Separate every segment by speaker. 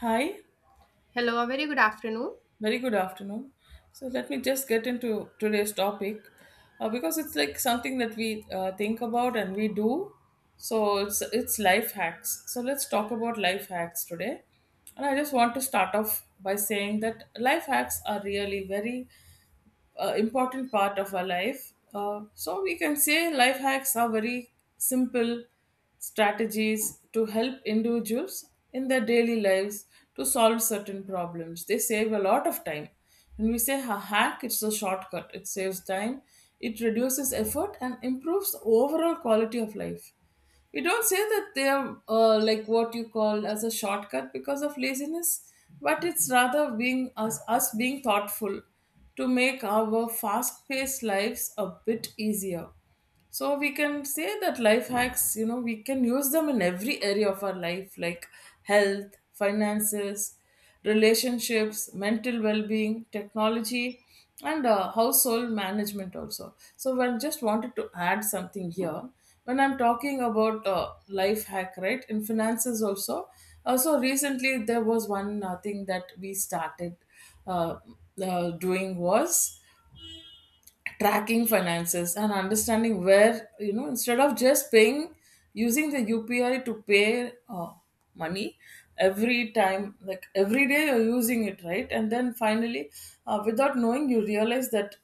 Speaker 1: Hi,
Speaker 2: Hello, a very good afternoon.
Speaker 1: very good afternoon. So let me just get into today's topic because it's like something that we think about and we do. So it's life hacks. So let's talk about life hacks today. And I just want to start off by saying that life hacks are really very important part of our life. So we can say life hacks are very simple strategies to help individuals in their daily lives to solve certain problems. They save a lot of time. When we say a hack, it's a shortcut. It saves time, it reduces effort, and improves the overall quality of life. We don't say that they are like what you call as a shortcut because of laziness, but it's rather being us being thoughtful to make our fast-paced lives a bit easier. So we can say that life hacks, you know, we can use them in every area of our life, like health, finances, relationships, mental well-being, technology, and household management also. So when just wanted to add something here, when I'm talking about life hack, right, in finances also. So recently there was one thing that we started uh, doing was tracking finances and understanding, where you know, instead of just paying using the UPI to pay money every time, like every day you're using it, right? And then finally without knowing you realize that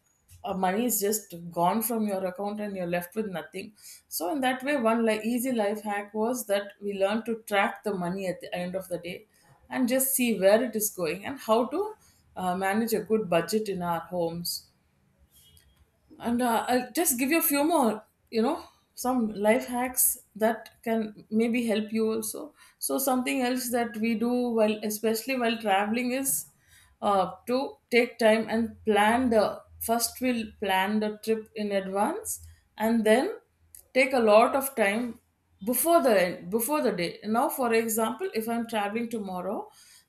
Speaker 1: money is just gone from your account and you're left with nothing. So in that way, one like easy life hack was that we learned to track the money at the end of the day and just see where it is going and how to manage a good budget in our homes. And I'll just give you a few more, you know, some life hacks that can maybe help you also. So something else that we do, while especially while traveling, is to take time and plan. The first we'll plan the trip in advance and then take a lot of time before the day. Now for example, if I'm traveling tomorrow,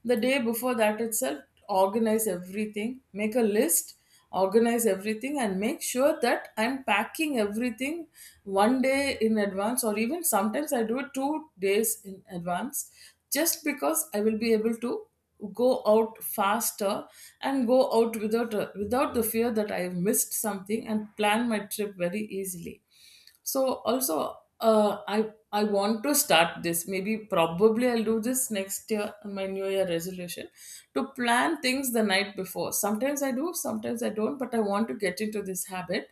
Speaker 1: the day before that itself, organize everything, make a list, organize everything and make sure that I'm packing everything 1 day in advance, or even sometimes I do it 2 days in advance, just because I will be able to go out faster and go out without the fear that I have missed something, and plan my trip very easily. So also, uh, i I want to start this, maybe probably I'll do this next year in my new year resolution, to plan things the night before. Sometimes I do, sometimes I don't, but I want to get into this habit,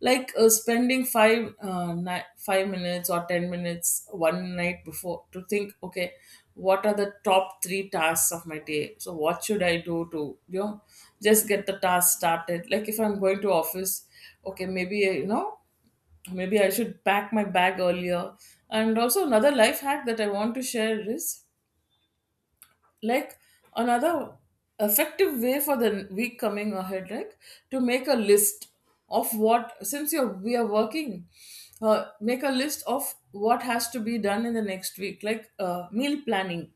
Speaker 1: like spending 5 minutes or 10 minutes one night before to think, okay, what are the top 3 tasks of my day? So what should I do to, you know, just get the task started, like if I'm going to office, okay, maybe you know, maybe I should pack my bag earlier. And also, another life hack that I want to share is, like, another effective way for the week coming ahead, like to make a list of what, since we are working, make a list of what has to be done in the next week, like meal planning.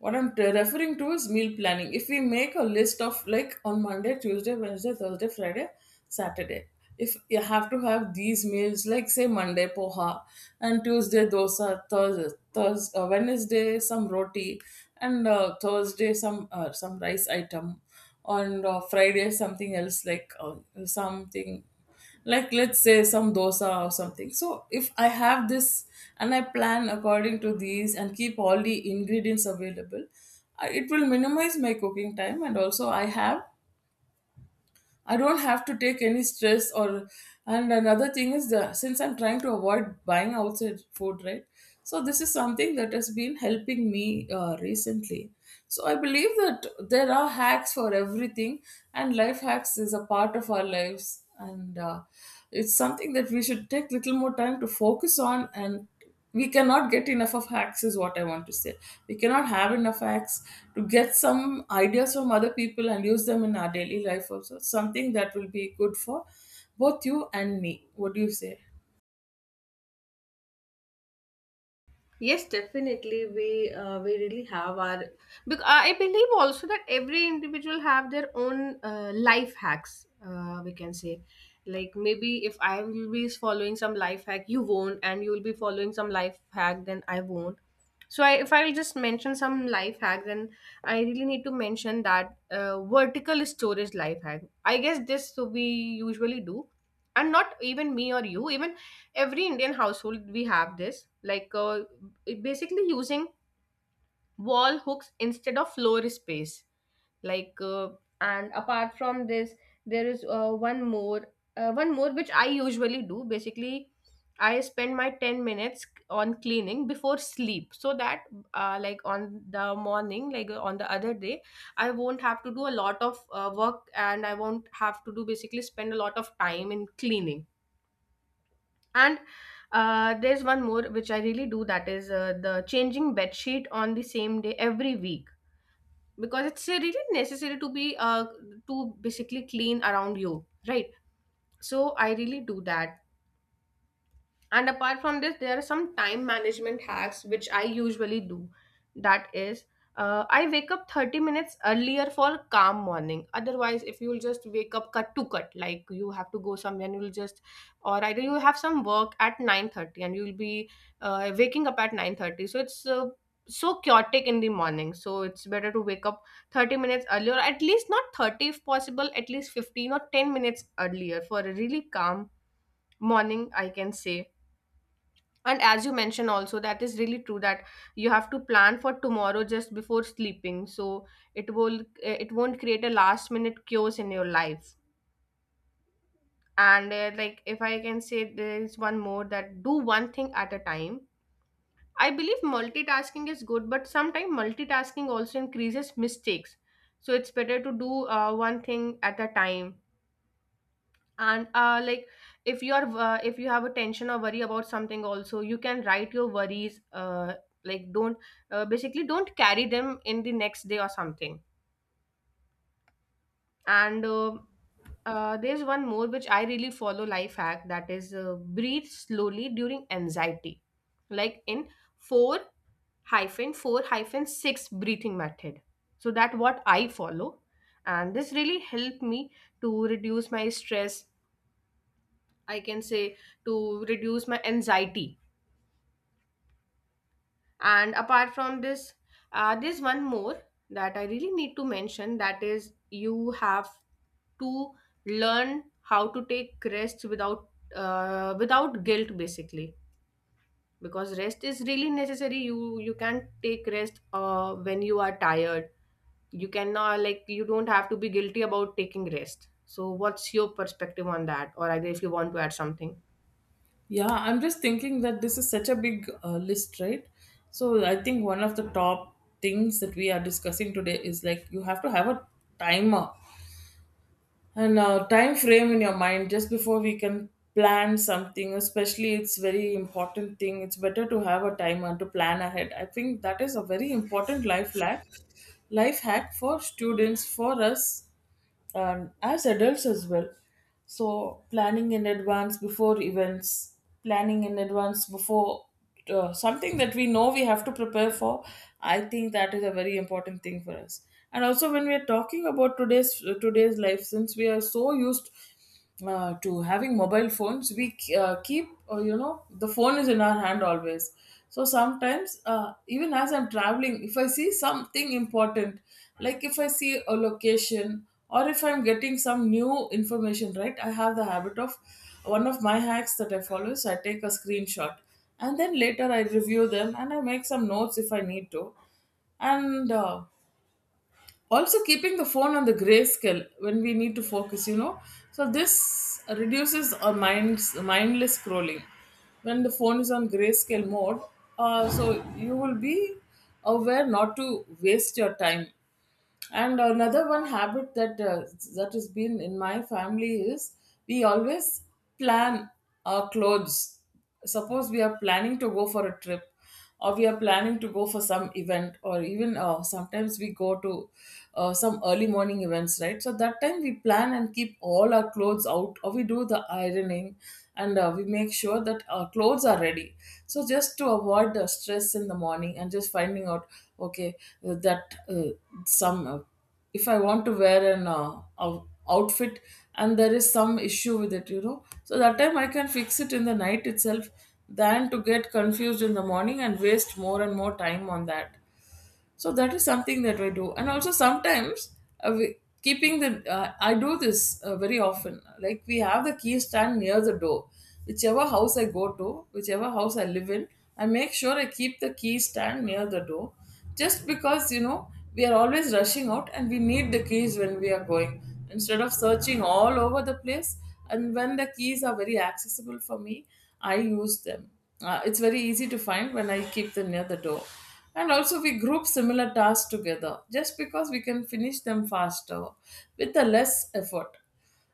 Speaker 1: What I'm referring to is meal planning. If we make a list of, like, on Monday, Tuesday, Wednesday, Thursday, Friday, Saturday, if you have to have these meals, like say Monday poha and Tuesday dosa, Thursday, Thursday Wednesday some roti, and Thursday some rice item, on Friday something else, like something like let's say some dosa or something. So if I have this and I plan according to these and keep all the ingredients available, it will minimize my cooking time, and also I don't have to take any stress. Or, and another thing is that since I'm trying to avoid buying outside food, right? So this is something that has been helping me recently. So I believe that there are hacks for everything, and life hacks is a part of our lives, and it's something that we should take little more time to focus on. And we cannot get enough of hacks is what I want to say. We cannot have enough hacks to get some ideas from other people and use them in our daily life also. Something that will be good for both you and me, what do you say?
Speaker 2: Yes, definitely. We really have our. Because I believe also that every individual have their own life hacks. We can say, like maybe if I will be following some life hack, you won't, and you will be following some life hack, then I won't. If I will just mention some life hack, then I really need to mention that vertical storage life hack. I guess this so we usually do, and not even me or you, even every Indian household we have this. Like it basically using wall hooks instead of floor space like uh, and apart from this there is one more which I usually do basically. I spend my 10 minutes on cleaning before sleep, so that like on the morning, on the other day I won't have to do a lot of work, and I won't have to do basically spend a lot of time in cleaning. And there's one more which I really do, that is the changing bed sheet on the same day every week, because it's really necessary to be to basically clean around you, right? So I really do that. And apart from this, there are some time management hacks which I usually do. That is, I wake up 30 minutes earlier for calm morning. Otherwise, if you'll just wake up cut to cut, like you have to go somewhere and or either you have some work at 9:30 and you'll be waking up at 9:30. So it's so chaotic in the morning. So it's better to wake up 30 minutes earlier, at least not 30 if possible, at least 15 or 10 minutes earlier for a really calm morning, I can say. And as you mentioned also, that is really true that you have to plan for tomorrow just before sleeping. So it will it won't create a last minute chaos in your life. And like if I can say, there is one more, that do one thing at a time. I believe multitasking is good, but sometimes multitasking also increases mistakes. So it's better to do one thing at a time. And like if you are if you have a tension or worry about something, also you can write your worries, like don't basically don't carry them in the next day or something. And There's one more which I really follow, life hack, that is breathe slowly during anxiety, like in 4 hyphen 4 hyphen 6 breathing method. So that what I follow, and this really helped me to reduce my stress, I can say, to reduce my anxiety. And apart from this, there's one more that I really need to mention, that is you have to learn how to take rest without without guilt basically, because rest is really necessary. You can take rest when you are tired. You cannot like, you don't have to be guilty about taking rest. So what's your perspective on that, or either if you want to add something?
Speaker 1: Yeah, I'm just thinking that this is such a big list, right? So I think one of the top things that we are discussing today is, like, you have to have a timer and time frame in your mind just before we can plan something. Especially it's very important thing, it's better to have a timer to plan ahead. I think that is a very important life hack, life hack for students, for us, and as adults as well. So planning in advance before events, planning in advance before something that we know we have to prepare for, I think that is a very important thing for us. And also, when we are talking about today's life, since we are so used to having mobile phones, we keep, you know, the phone is in our hand always. So sometimes, even as I'm traveling, if I see something important, like if I see a location or if I'm getting some new information, right, I have the habit of, one of my hacks that I follow is I take a screenshot, and then later I review them and I make some notes if I need to. And also keeping the phone on the grayscale when we need to focus, you know, so this reduces our minds mindless scrolling when the phone is on grayscale mode. So you will be aware not to waste your time. And another one habit that that has been in my family is, we always plan our clothes. Suppose we are planning to go for a trip, or we are planning to go for some event, or even sometimes we go to some early morning events, right? So that time we plan and keep all our clothes out, or we do the ironing, and we make sure that our clothes are ready, so just to avoid the stress in the morning and just finding out, okay, that some if I want to wear an outfit and there is some issue with it, you know. So that time I can fix it in the night itself than to get confused in the morning and waste more and more time on that. So that is something that I do. And also sometimes, uh, we, keeping the I do this very often. Like, we have the key stand near the door. Whichever house I go to, whichever house I live in, I make sure I keep the key stand near the door. Just because, you know, we are always rushing out and we need the keys when we are going, instead of searching all over the place. And when the keys are very accessible for me, I use them. It's very easy to find when I keep them near the door. And also, we group similar tasks together just because we can finish them faster with a less effort.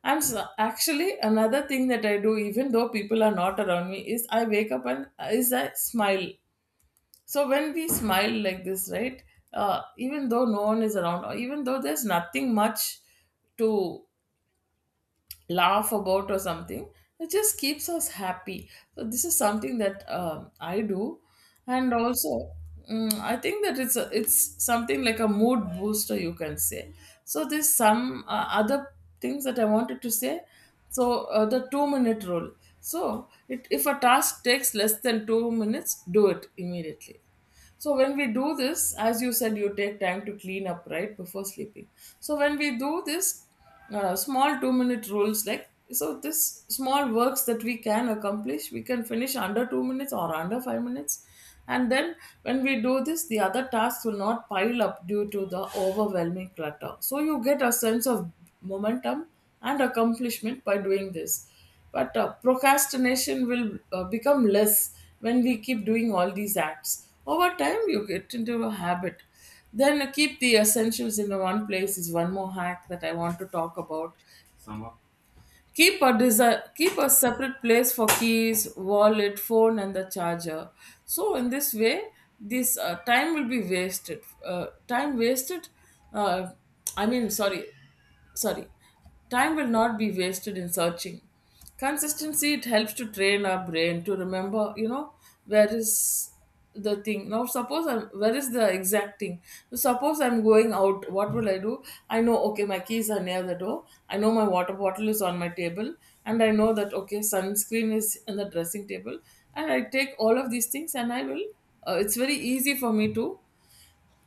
Speaker 1: And so actually, another thing that I do, even though people are not around me, is I wake up and is I smile. So when we smile like this, right? Even though no one is around, or even though there's nothing much to laugh about or something, it just keeps us happy. So this is something that I do. And also, I think that it's it's something like a mood booster, you can say. So there's some other things that I wanted to say. So the 2-minute rule. So it, if a task takes less than 2 minutes, do it immediately. So when we do this, as you said, you take time to clean up right before sleeping. So when we do this, small 2 minute rules, like, so this small works that we can accomplish, we can finish under 2 minutes or under 5 minutes. And then when we do this, the other tasks will not pile up due to the overwhelming clutter. So you get a sense of momentum and accomplishment by doing this, but procrastination will become less when we keep doing all these acts. Over time you get into a habit. Then keep the essentials in one place is one more hack that I want to talk about. Keep a keep a separate place for keys, wallet, phone, and the charger. So in this way, this time will be wasted time wasted uh, I mean sorry sorry time will not be wasted in searching. Consistency, it helps to train our brain to remember, you know, where is where is the exact thing? Suppose I'm going out, what will I do? I know, okay, my keys are near the door. I know my water bottle is on my table. And I know that, okay, sunscreen is in the dressing table. And I take all of these things and I will, it's very easy for me to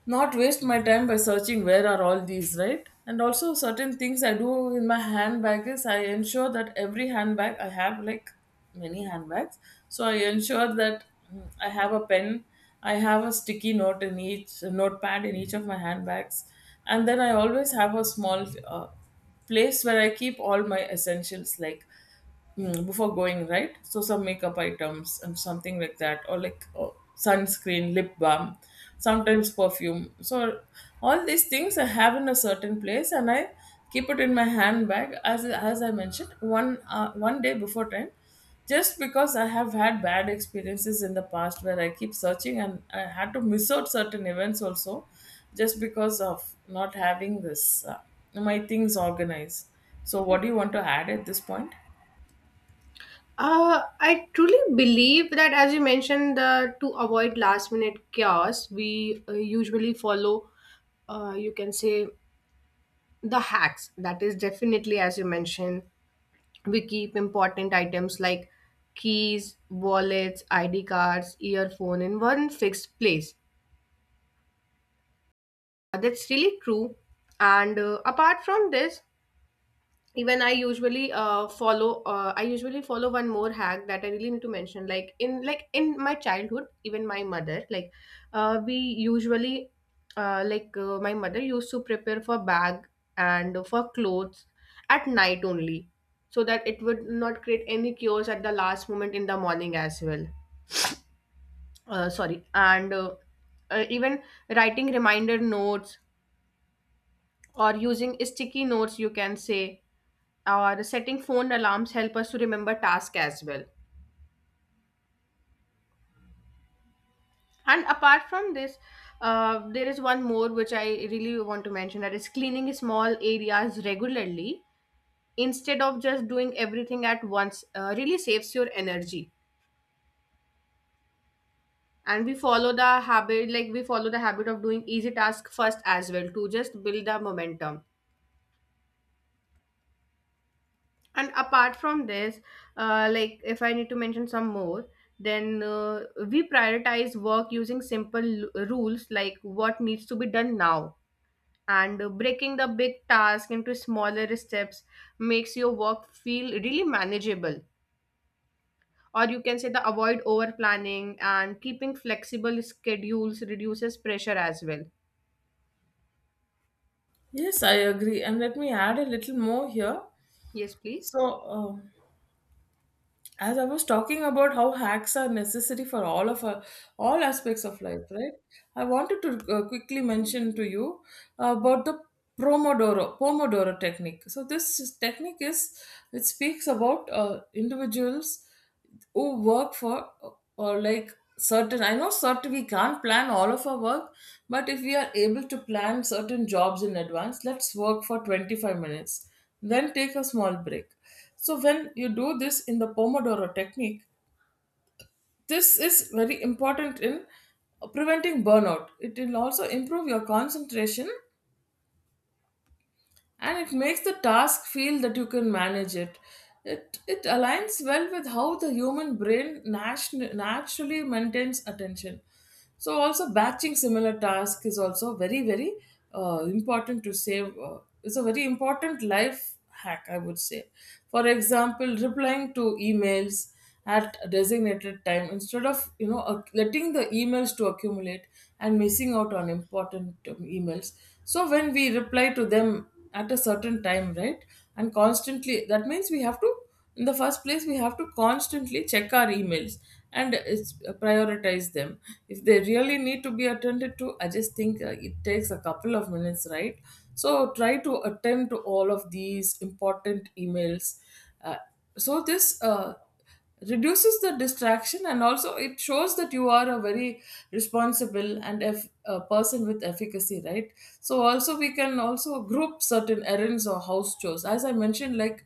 Speaker 1: not waste my time by searching where are all these, right? And also, certain things I do in my handbag is I ensure that every handbag I have, like many handbags, so I ensure that, I have a pen, I have a sticky note in each, a notepad in each of my handbags. And then I always have a small place where I keep all my essentials, like, before going, right? So, some makeup items and something like that, or like, sunscreen, lip balm, sometimes perfume. So all these things I have in a certain place, and I keep it in my handbag, as I mentioned, one one day before time. Just because I have had bad experiences in the past where I keep searching and I had to miss out certain events also, just because of not having this, uh, my things organized. So what do you want to add at this point?
Speaker 2: I truly believe that, as you mentioned, to avoid last minute chaos, we usually follow, you can say, the hacks. That is definitely, as you mentioned, we keep important items like keys, wallets, ID cards, earphone in one fixed place. That's really true. And apart from this, even I usually follow I usually follow one more hack that I really need to mention, like in my childhood, even my mother, like we usually like my mother used to prepare for bag and for clothes at night only, so that it would not create any chaos at the last moment in the morning as well. Sorry and Even writing reminder notes or using sticky notes, you can say, or setting phone alarms help us to remember tasks as well. And apart from this, there is one more which I really want to mention, that is cleaning small areas regularly instead of just doing everything at once really saves your energy. And we follow the habit of doing easy task first as well, to just build the momentum. And apart from this, like if I need to mention some more, then we prioritize work using simple rules, like what needs to be done now. And breaking the big task into smaller steps makes your work feel really manageable. Or you can say, the avoid over planning and keeping flexible schedules reduces pressure as well.
Speaker 1: Yes, I agree. And let me add a little more here.
Speaker 2: Yes, please.
Speaker 1: So, as I was talking about how hacks are necessary for all of our, all aspects of life, right? I wanted to quickly mention to you about the Pomodoro technique. So, technique is, it speaks about individuals who work for, or like, certain, I know, certain, we can't plan all of our work, but if we are able to plan certain jobs in advance, let's work for 25 minutes, then take a small break. So when you do this in the Pomodoro technique, this is very important in preventing burnout. It will also improve your concentration, and it makes the task feel that you can manage it. It aligns well with how the human brain naturally maintains attention. So, also, batching similar tasks is also very, very important to save. It's a very important life hack, I would say. For example, replying to emails at a designated time instead of, you know, letting the emails to accumulate and missing out on important emails. So when we reply to them at a certain time, right, and constantly, that means we have to, in the first place, we have to constantly check our emails and it's, prioritize them. If they really need to be attended to, I just think it takes a couple of minutes, right? So try to attend to all of these important emails. Uh, so this uh, reduces the distraction and also it shows that you are a very responsible and a person with efficacy, right? So also, we can also group certain errands or house chores, as I mentioned, like,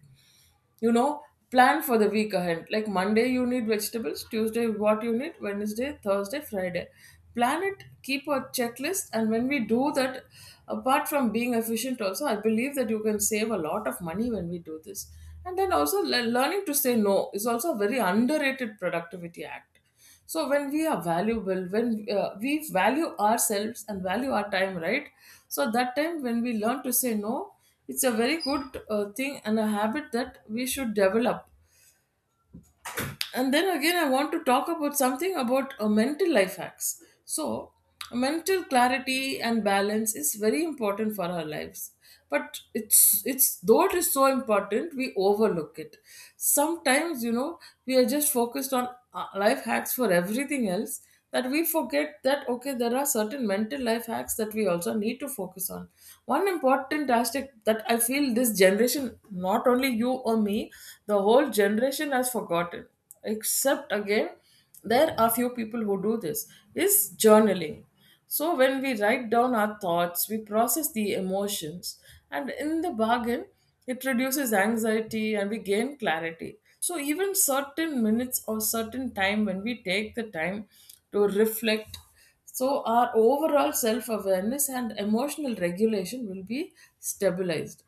Speaker 1: you know, plan for the week ahead. Like Monday you need vegetables, Tuesday what you need, Wednesday, Thursday, Friday. Plan it, keep a checklist, and when we do that, apart from being efficient, also I believe that you can save a lot of money when we do this. And then also, learning to say no is also a very underrated productivity act. So when we are valuable, when we value ourselves and value our time, right, so that time when we learn to say no, it's a very good thing and a habit that we should develop. And then again, I want to talk about something about mental life hacks. So mental clarity and balance is very important for our lives, but it's, though it is so important, we overlook it sometimes, you know. We are just focused on life hacks for everything else, that we forget that, okay, there are certain mental life hacks that we also need to focus on. One important aspect that I feel this generation, not only you or me, the whole generation has forgotten, except, again, there are few people who do this, is journaling. So when we write down our thoughts, we process the emotions, and in the bargain, it reduces anxiety and we gain clarity. So even certain minutes or certain time when we take the time to reflect, so our overall self awareness and emotional regulation will be stabilized.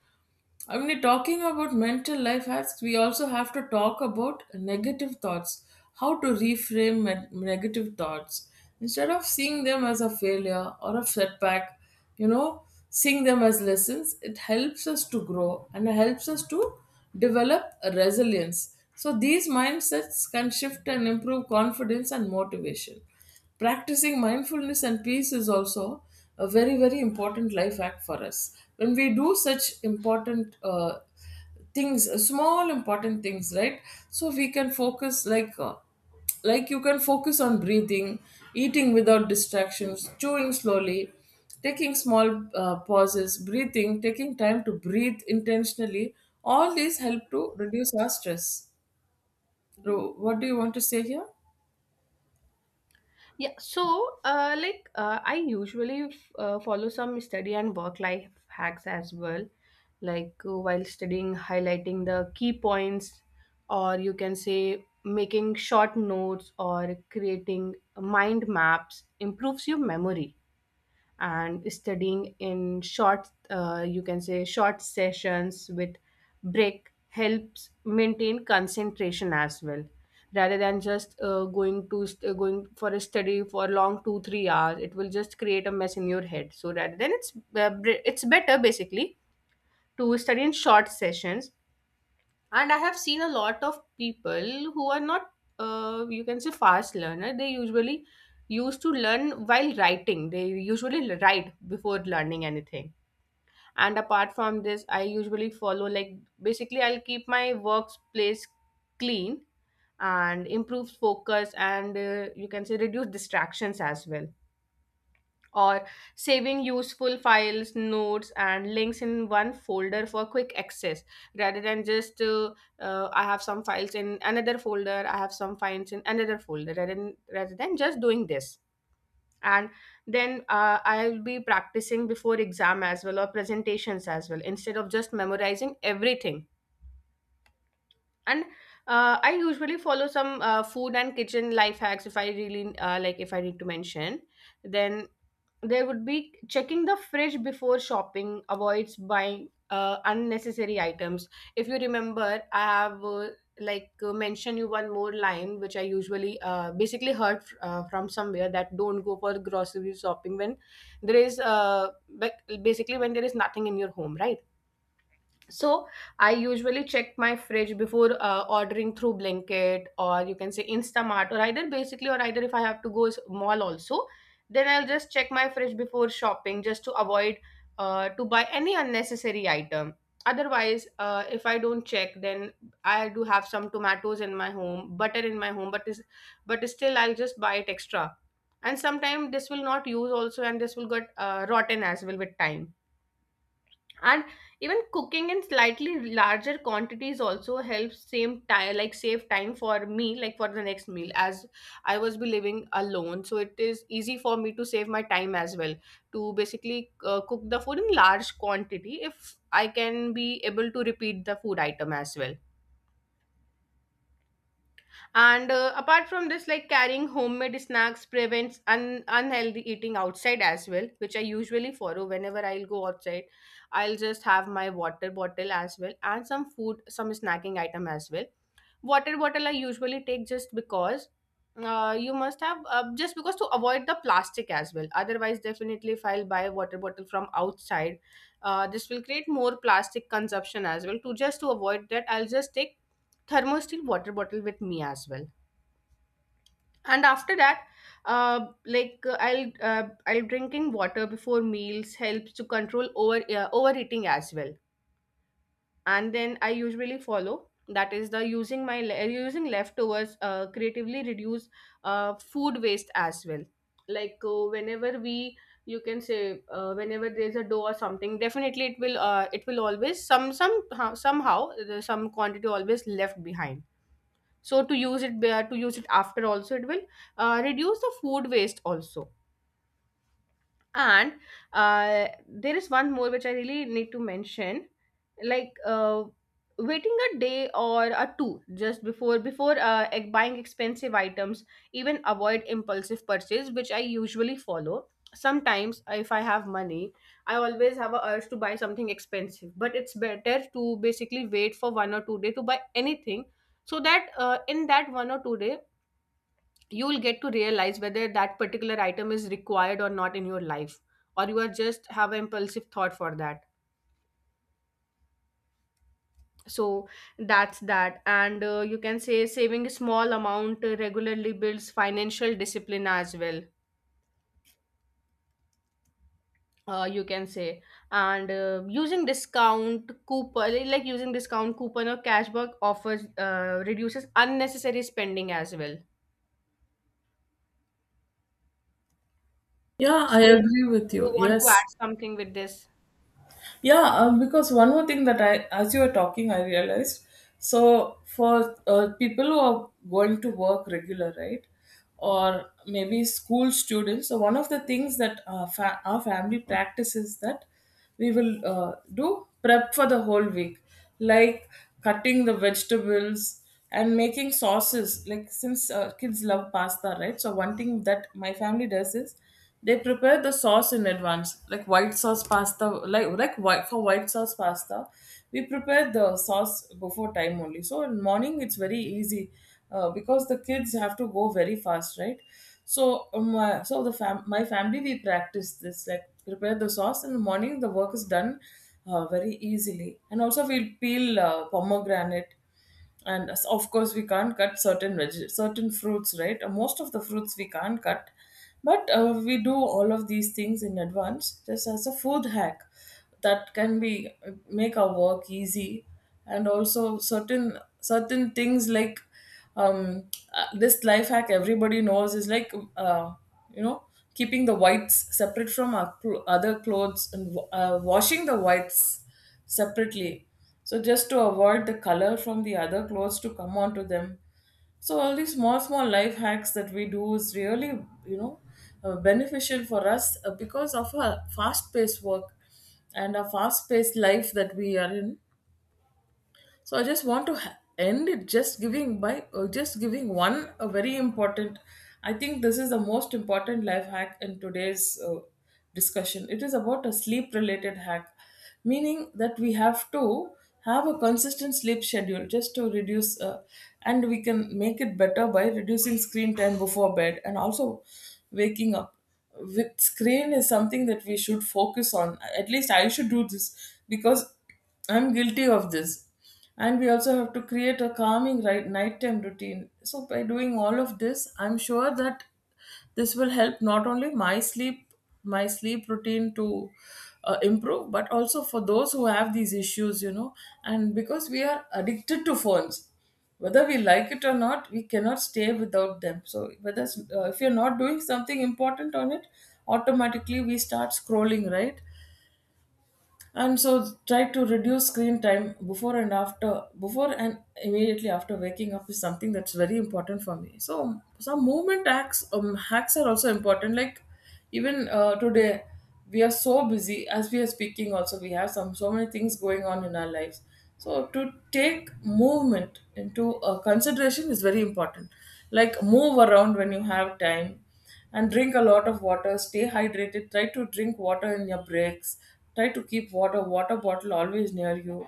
Speaker 1: I mean, talking about mental life hacks, we also have to talk about negative thoughts, how to reframe negative thoughts. Instead of seeing them as a failure or a setback, you know, seeing them as lessons, it helps us to grow and it helps us to develop a resilience. So these mindsets can shift and improve confidence and motivation. Practicing mindfulness and peace is also a very, very important life hack for us, when we do such important things, small important things, right? So we can focus, like, like, you can focus on breathing, eating without distractions, chewing slowly, taking small pauses, breathing, taking time to breathe intentionally. All these help to reduce our stress. So what do you want to say here?
Speaker 2: Yeah, so I usually follow some study and work life hacks as well. Like while studying, highlighting the key points, or you can say making short notes or creating mind maps improves your memory. And studying in short, you can say short sessions with break helps maintain concentration as well, rather than just going for a study for long 2 3 hours. It will just create a mess in your head. So rather than it's br- It's better basically to study in short sessions. And I have seen a lot of people who are not you can say fast learner, they usually used to learn while writing. They usually write before learning anything. And apart from this, I usually follow like basically, I'll keep my workplace clean and improve focus and you can say reduce distractions as well, or saving useful files, notes, and links in one folder for quick access, rather than just I have some files in another folder, I have some files in another folder, rather than just doing this. And then I'll be practicing before exam as well or presentations as well instead of just memorizing everything. And I usually follow some food and kitchen life hacks. If I really if I need to mention, then there would be checking the fridge before shopping avoids buying unnecessary items. If you remember, I have mentioned you one more line which I usually basically heard from somewhere, that don't go for grocery shopping when there is basically when there is nothing in your home, right? So I usually check my fridge before ordering through Blinkit, or you can say Instamart, or either if I have to go mall also, then I'll just check my fridge before shopping just to avoid to buy any unnecessary item. Otherwise, if I don't check, then I do have some tomatoes in my home, butter in my home, but still I'll just buy it extra. And sometimes this will not use also, and this will get rotten as well with time. And even cooking in slightly larger quantities also helps same time, like save time for me like for the next meal, as I was be living alone, so it is easy for me to save my time as well, to basically cook the food in large quantity if I can be able to repeat the food item as well. And apart from this, like carrying homemade snacks prevents unhealthy eating outside as well, which I usually follow whenever I'll go outside. I'll just have my water bottle as well and some food, some snacking item as well. Water bottle I usually take just because you must have just because to avoid the plastic as well. Otherwise, definitely if I'll buy a water bottle from outside, this will create more plastic consumption as well. To just to avoid that, I'll just take thermosteel water bottle with me as well. And after that, I'll drinking water before meals helps to control over overeating as well. And then I usually follow that is the using leftovers creatively reduce food waste as well. Like whenever we, you can say, whenever there's a dough or something, definitely it will always some somehow some quantity always left behind. So to use it after also, it will reduce the food waste also. And there is one more which I really need to mention, like waiting a day or a two just before buying expensive items, even avoid impulsive purchase, which I usually follow. Sometimes if I have money, I always have a urge to buy something expensive, but it's better to basically wait for one or two day to buy anything, so that in that one or two day you will get to realize whether that particular item is required or not in your life, or you are just have an impulsive thought for that. So that's that. And you can say saving a small amount regularly builds financial discipline as well, you can say. And using discount coupon or cashback offers reduces unnecessary spending as well.
Speaker 1: Yeah, I
Speaker 2: So
Speaker 1: agree with you,
Speaker 2: you want
Speaker 1: yes.
Speaker 2: to add something with this?
Speaker 1: Yeah, because one more thing that I, as you were talking, I realized. So for people who are going to work regular, right, or maybe school students. So one of the things that our family practices, that we will do prep for the whole week, like cutting the vegetables and making sauces. Like, since kids love pasta, right? So one thing that my family does is they prepare the sauce in advance, like white sauce pasta, like white for white sauce pasta, we prepare the sauce before time only. So in morning it's very easy, because the kids have to go very fast, right? So my family, we practice this, like prepare the sauce in the morning. The work is done very easily. And also we'll peel pomegranate. And of course, we can't cut certain certain fruits, right? Most of the fruits we can't cut, but we do all of these things in advance just as a food hack, that can be, make our work easy. And also, certain things like, um, this life hack everybody knows is like, you know, keeping the whites separate from our other clothes, and washing the whites separately, so just to avoid the color from the other clothes to come onto them. So all these small, small life hacks that we do is really, you know, beneficial for us, because of our fast paced work and our fast paced life that we are in. So I just want to end it just giving by just giving one, a very important, I think this is the most important life hack in today's discussion. It is about a sleep related hack, meaning that we have to have a consistent sleep schedule just to reduce and we can make it better by reducing screen time before bed. And also waking up with screen is something that we should focus on. At least I should do this, because I'm guilty of this. And we also have to create a calming, right, nighttime routine. So by doing all of this, I'm sure that this will help not only my sleep, my sleep routine to improve, but also for those who have these issues, you know. And because we are addicted to phones, whether we like it or not, we cannot stay without them. So whether, if you're not doing something important on it, automatically we start scrolling, right? And so try to reduce screen time before and after, before and immediately after waking up is something that's very important for me. So some movement acts, hacks are also important. Like, even today we are so busy, as we are speaking also, we have some, so many things going on in our lives. So to take movement into consideration is very important. Like move around when you have time, and drink a lot of water, stay hydrated, try to drink water in your breaks, try to keep water bottle always near you,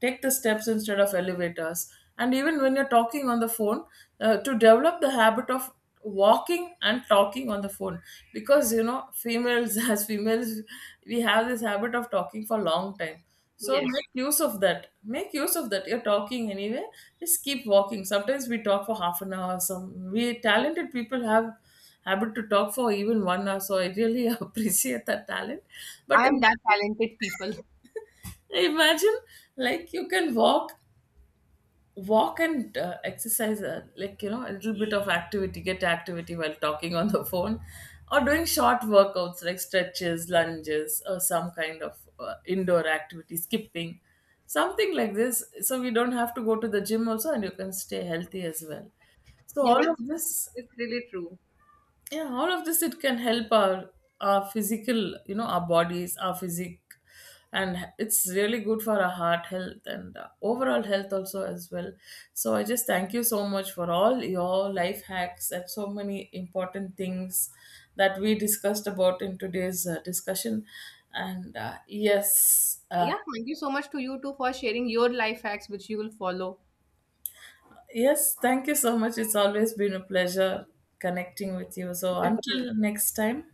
Speaker 1: take the steps instead of elevators. And even when you're talking on the phone, to develop the habit of walking and talking on the phone. Because, you know, females as females, we have this habit of talking for a long time. So
Speaker 2: Yes,
Speaker 1: make use of that, make use of that, you're talking anyway, just keep walking. Sometimes we talk for half an hour, some, we talented people have, able to talk for even 1 hour. So I really appreciate that talent.
Speaker 2: I
Speaker 1: But
Speaker 2: am that
Speaker 1: imagine,
Speaker 2: talented people.
Speaker 1: imagine, like you can walk, walk, and exercise, like, you know, a little bit of activity, get activity while talking on the phone, or doing short workouts like stretches, lunges, or some kind of indoor activity, skipping, something like this. So we don't have to go to the gym also, and you can stay healthy as well. So
Speaker 2: Yeah,
Speaker 1: all of this,
Speaker 2: that's really true.
Speaker 1: yeah, all of this, it can help our physical, you know, our bodies, our physique. And it's really good for our heart health, and overall health also, as well. So I just thank you so much for all your life hacks and so many important things that we discussed about in today's discussion. And yes,
Speaker 2: Yeah, thank you so much to you too for sharing your life hacks, which you will follow.
Speaker 1: yes, thank you so much. It's always been a pleasure connecting with you. So until
Speaker 2: Definitely.
Speaker 1: next time.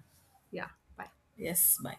Speaker 2: Yeah, bye.
Speaker 1: Yes, bye.